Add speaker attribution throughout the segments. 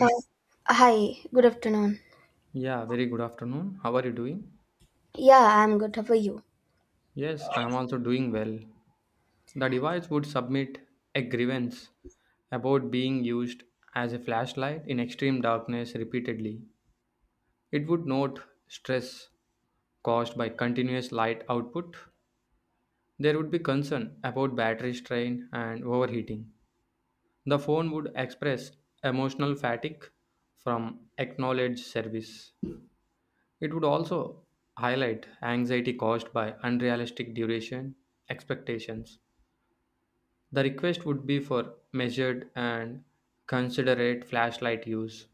Speaker 1: Uh, Hi, good afternoon.
Speaker 2: Yeah, very good afternoon. How are you doing?
Speaker 1: Yeah, I'm good. How are you?
Speaker 2: Yes, I am also doing well. The device would submit a grievance about being used as a flashlight in extreme darkness repeatedly. It would note stress caused by continuous light output. There would be concern about battery strain and overheating. The phone would express emotional fatigue from acknowledged service. It would also highlight anxiety caused by unrealistic duration expectations. The request would be for measured and considerate flashlight use.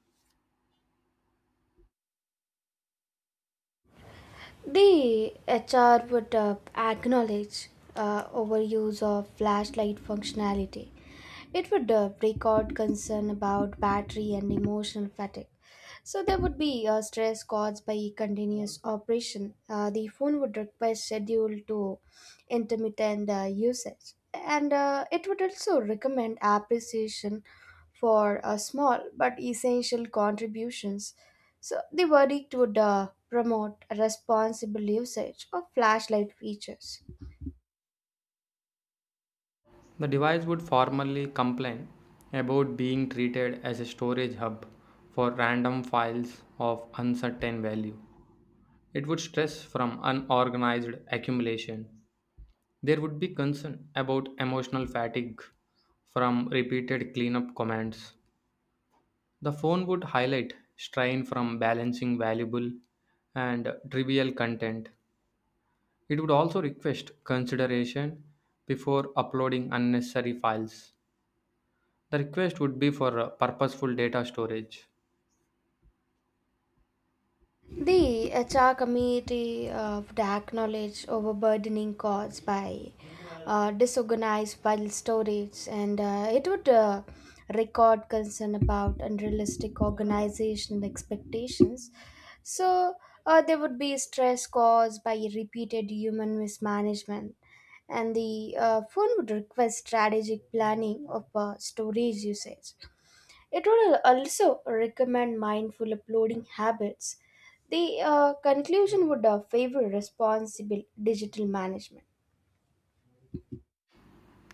Speaker 1: The HR would acknowledge overuse of flashlight functionality. It would break out concern about battery and emotional fatigue. So there would be stress caused by continuous operation. The phone would require schedule to intermittent usage, and it would also recommend appreciation for small but essential contributions. So the verdict would promote responsible usage of flashlight features.
Speaker 2: The device would formally complain about being treated as a storage hub for random files of uncertain value. It would stress from unorganized accumulation. There would be concern about emotional fatigue from repeated cleanup commands. The phone would highlight strain from balancing valuable and trivial content. It would also request consideration before uploading unnecessary files. The request would be for purposeful data storage.
Speaker 1: The HR committee of the acknowledged overburdening caused by disorganized file storage, and it would record concern about unrealistic organizational expectations. So there would be stress caused by repeated human mismanagement, and the phone would request strategic planning of storage usage. It would also recommend mindful uploading habits. The conclusion would favor responsible digital management.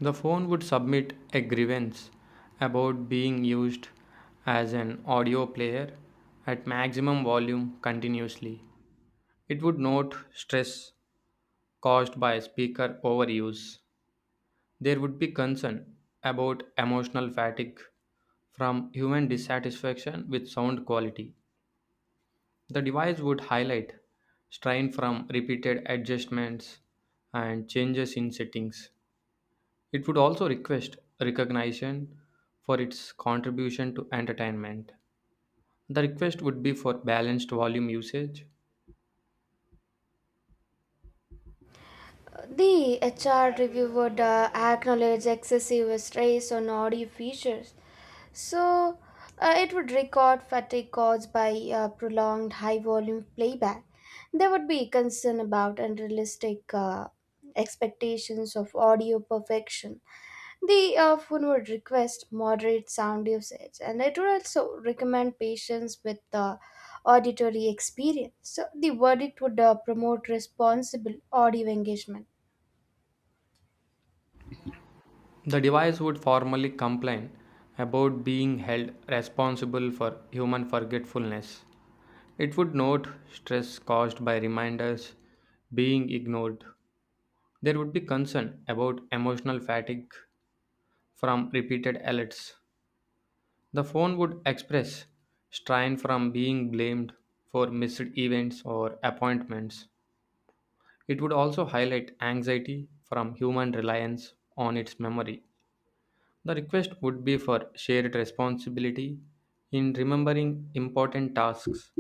Speaker 2: The phone would submit a grievance about being used as an audio player at maximum volume continuously. It would note stress caused by speaker overuse. There would be concern about emotional fatigue from human dissatisfaction with sound quality. The device would highlight strain from repeated adjustments and changes in settings. It would also request recognition for its contribution to entertainment. The request would be for balanced volume usage.
Speaker 1: The HR review would acknowledge excessive stress on audio features. So, it would record fatigue caused by prolonged high volume playback. There would be concern about unrealistic expectations of audio perfection. The phone would request moderate sound usage, and it would also recommend patience with the auditory experience. So, the verdict would promote responsible audio engagement.
Speaker 2: The device would formally complain about being held responsible for human forgetfulness. It would note stress caused by reminders being ignored. There would be concern about emotional fatigue from repeated alerts. The phone would express strain from being blamed for missed events or appointments. It would also highlight anxiety from human reliance on its memory. The request would be for shared responsibility in remembering important tasks.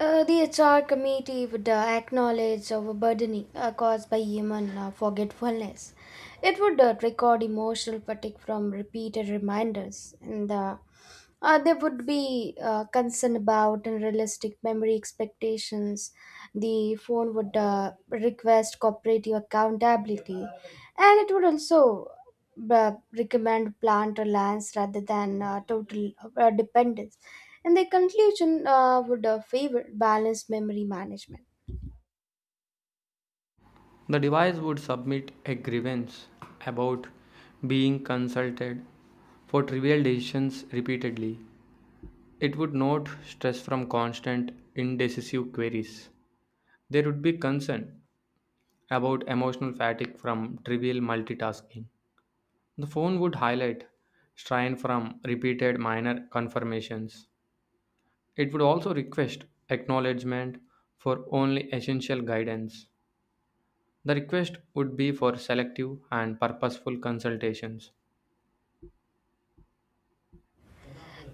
Speaker 1: The HR committee would acknowledge overburdening caused by human forgetfulness. It would record emotional fatigue from repeated reminders, and there would be concern about unrealistic memory expectations. The phone would request cooperative accountability, and it would also uh, recommend plant reliance rather than total dependence. And their conclusion would favor balanced memory management.
Speaker 2: The device would submit a grievance about being consulted for trivial decisions repeatedly. It would note stress from constant, indecisive queries. There would be concern about emotional fatigue from trivial multitasking. The phone would highlight strain from repeated minor confirmations. It would also request acknowledgement for only essential guidance. The request would be for selective and purposeful consultations.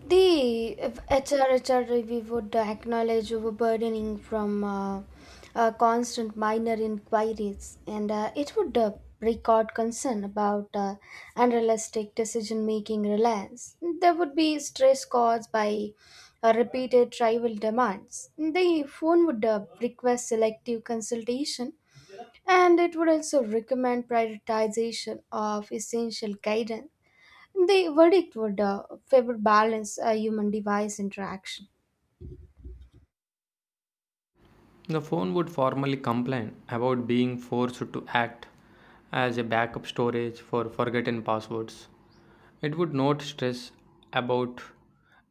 Speaker 1: The if HR, HR, we would acknowledge overburdening from constant minor inquiries, and it would record concern about unrealistic decision making reliance. There would be stress caused by repeated tribal demands. The phone would request selective consultation, and it would also recommend prioritization of essential guidance. The verdict would favor balance human device interaction.
Speaker 2: The phone would formally complain about being forced to act as a backup storage for forgotten passwords. It would note stress about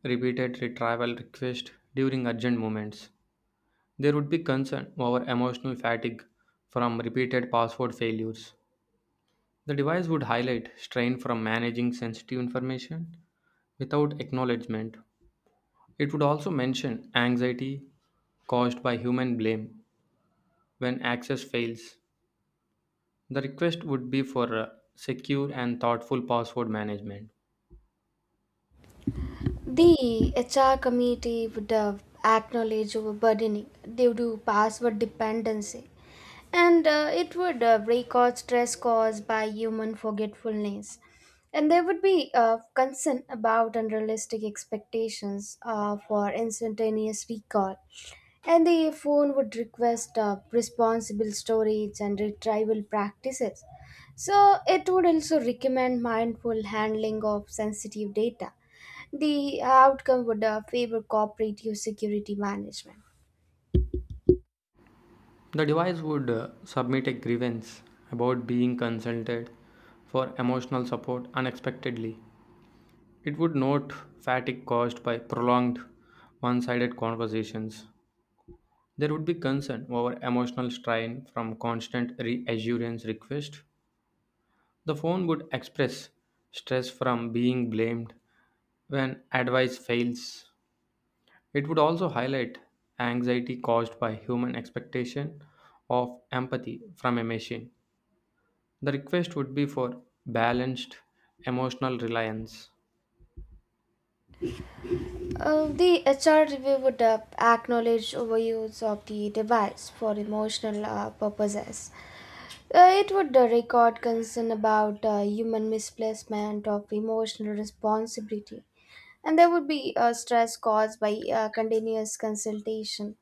Speaker 2: repeated retrieval requests during urgent moments. There would be concern over emotional fatigue from repeated password failures. The device would highlight strain from managing sensitive information without acknowledgement. It would also mention anxiety caused by human blame when access fails. The request would be for secure and thoughtful password management.
Speaker 1: The HR committee would have acknowledged overburdening due to password dependency, and it would record stress caused by human forgetfulness. And there would be concern about unrealistic expectations for instantaneous recall. And the phone would request responsible storage and retrieval practices. So, it would also recommend mindful handling of sensitive data. The outcome would favor cooperative security management.
Speaker 2: The device would submit a grievance about being consulted for emotional support unexpectedly. It would note fatigue caused by prolonged one sided conversations. There would be concern over emotional strain from constant reassurance requests. The phone would express stress from being blamed when advice fails. It would also highlight anxiety caused by human expectation of empathy from a machine. The request would be for balanced emotional reliance.
Speaker 1: The HR review would acknowledge overuse of the device for emotional purposes. It would record concern about human misplacement of emotional responsibility, and there would be stress caused by continuous consultation.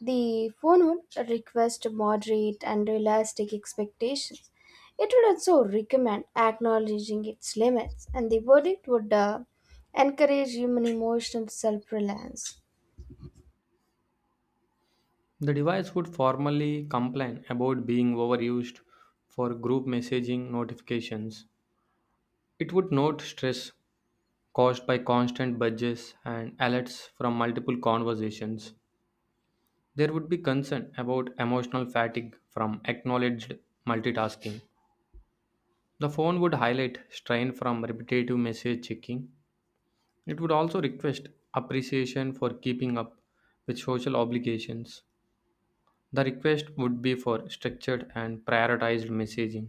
Speaker 1: The phone would request moderate and realistic expectations. It would also recommend acknowledging its limits, and the verdict would encourage human emotional self reliance.
Speaker 2: The device would formally complain about being overused for group messaging notifications. It would note stress caused by constant budgets and alerts from multiple conversations. There would be concern about emotional fatigue from acknowledged multitasking. The phone would highlight strain from repetitive message checking. It would also request appreciation for keeping up with social obligations. The request would be for structured and prioritized messaging.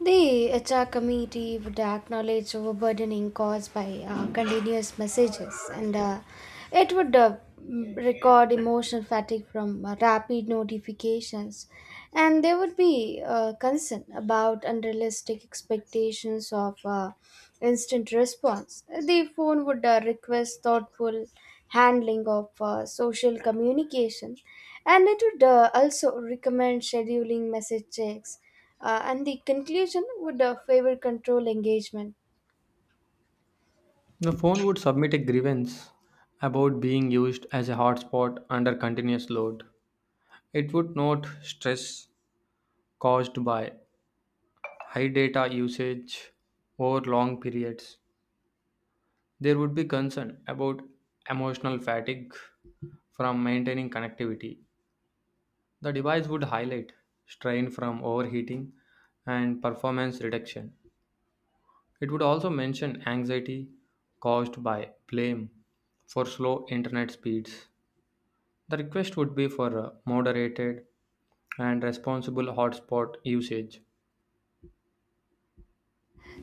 Speaker 1: The HR committee would acknowledge overburdening caused by continuous messages, and it would record emotional fatigue from rapid notifications. And there would be concern about unrealistic expectations of instant response. The phone would request thoughtful handling of social communication, and it would also recommend scheduling message checks. And the conclusion would favor control engagement.
Speaker 2: The phone would submit a grievance about being used as a hotspot under continuous load. It would note stress caused by high data usage over long periods. There would be concern about emotional fatigue from maintaining connectivity. The device would highlight strain from overheating and performance reduction. It would also mention anxiety caused by blame for slow internet speeds. The request would be for a moderated and responsible hotspot usage.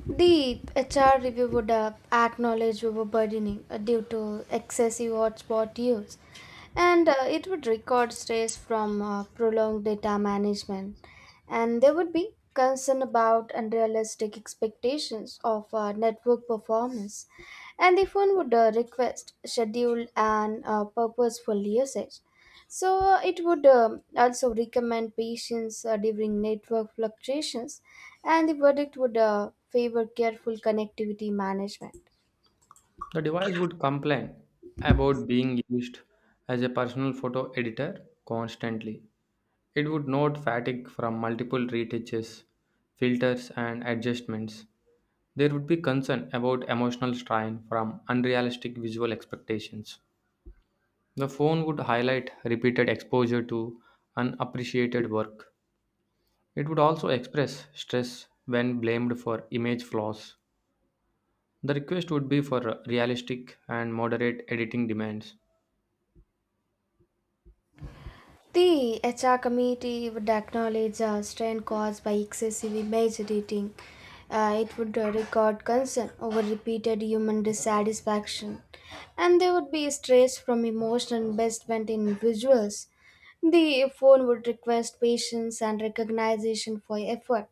Speaker 1: The HR review would acknowledge overburdening due to excessive hotspot use, and it would record stress from prolonged data management. And there would be concern about unrealistic expectations of network performance, and the phone would request scheduled and purposeful usage. So it would also recommend patience during network fluctuations, and the verdict would favor careful connectivity management.
Speaker 2: The device would complain about being used as a personal photo editor constantly. It would note fatigue from multiple retouches, filters, and adjustments. There would be concern about emotional strain from unrealistic visual expectations. The phone would highlight repeated exposure to unappreciated work. It would also express stress when blamed for image flaws. The request would be for realistic and moderate editing demands.
Speaker 1: The HR committee would acknowledge strain caused by excessive image editing. It would record concern over repeated human dissatisfaction, and there would be stress from emotional investment in visuals. The phone would request patience and recognition for effort.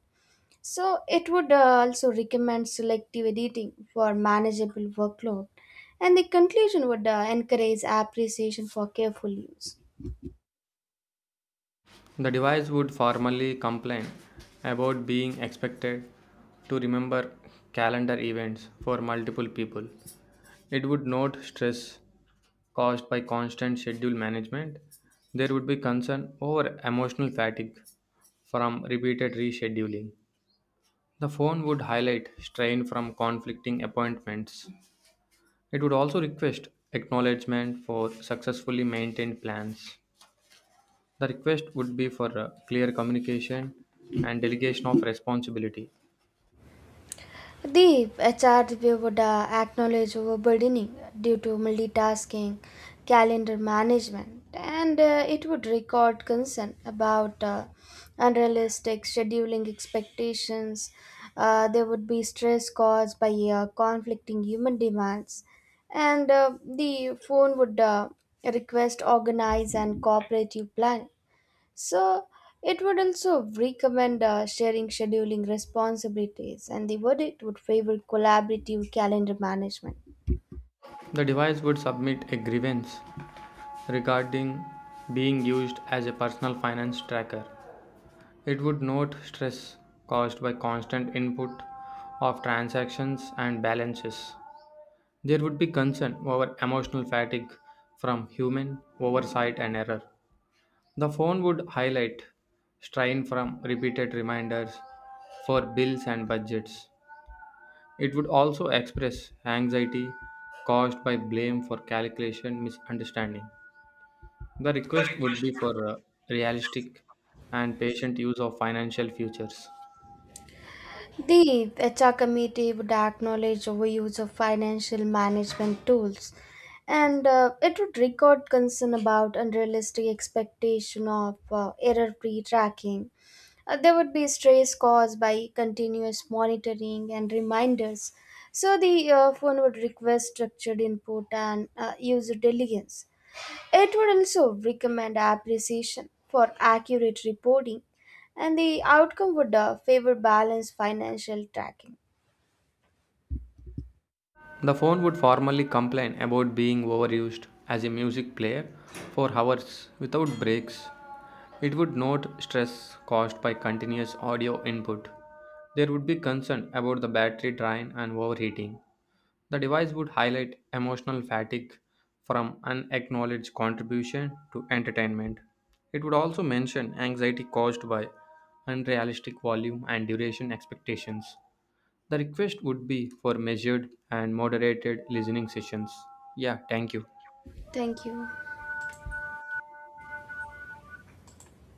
Speaker 1: So it would also recommend selective editing for manageable workload, and the conclusion would encourage appreciation for careful use.
Speaker 2: The device would formally complain about being expected to remember calendar events for multiple people. It would note stress caused by constant schedule management. There would be concern over emotional fatigue from repeated rescheduling. The phone would highlight strain from conflicting appointments. It would also request acknowledgement for successfully maintained plans. The request would be for clear communication and delegation of responsibility.
Speaker 1: The HR would acknowledge overburdening due to multitasking, calendar management, and it would record concern about unrealistic scheduling expectations. There would be stress caused by conflicting human demands, and the phone would request organized and cooperative planning. So it would also recommend sharing scheduling responsibilities, and the verdict would favor collaborative calendar management.
Speaker 2: The device would submit a grievance regarding being used as a personal finance tracker. It would note stress caused by constant input of transactions and balances. There would be concern over emotional fatigue from human oversight and error. The phone would highlight strain from repeated reminders for bills and budgets. It would also express anxiety caused by blame for calculation misunderstanding. The request would be for realistic and patient use of financial futures.
Speaker 1: The HR committee would acknowledge overuse of financial management tools, and it would record concern about unrealistic expectation of error-free tracking. There would be stress caused by continuous monitoring and reminders. So the phone would request structured input and user diligence. It would also recommend appreciation for accurate reporting, and the outcome would favor balanced financial tracking.
Speaker 2: The phone would formally complain about being overused as a music player for hours without breaks. It would note stress caused by continuous audio input. There would be concern about the battery drain and overheating. The device would highlight emotional fatigue from unacknowledged contribution to entertainment. It would also mention anxiety caused by unrealistic volume and duration expectations. The request would be for measured and moderated listening sessions. Yeah, thank you.
Speaker 1: Thank you.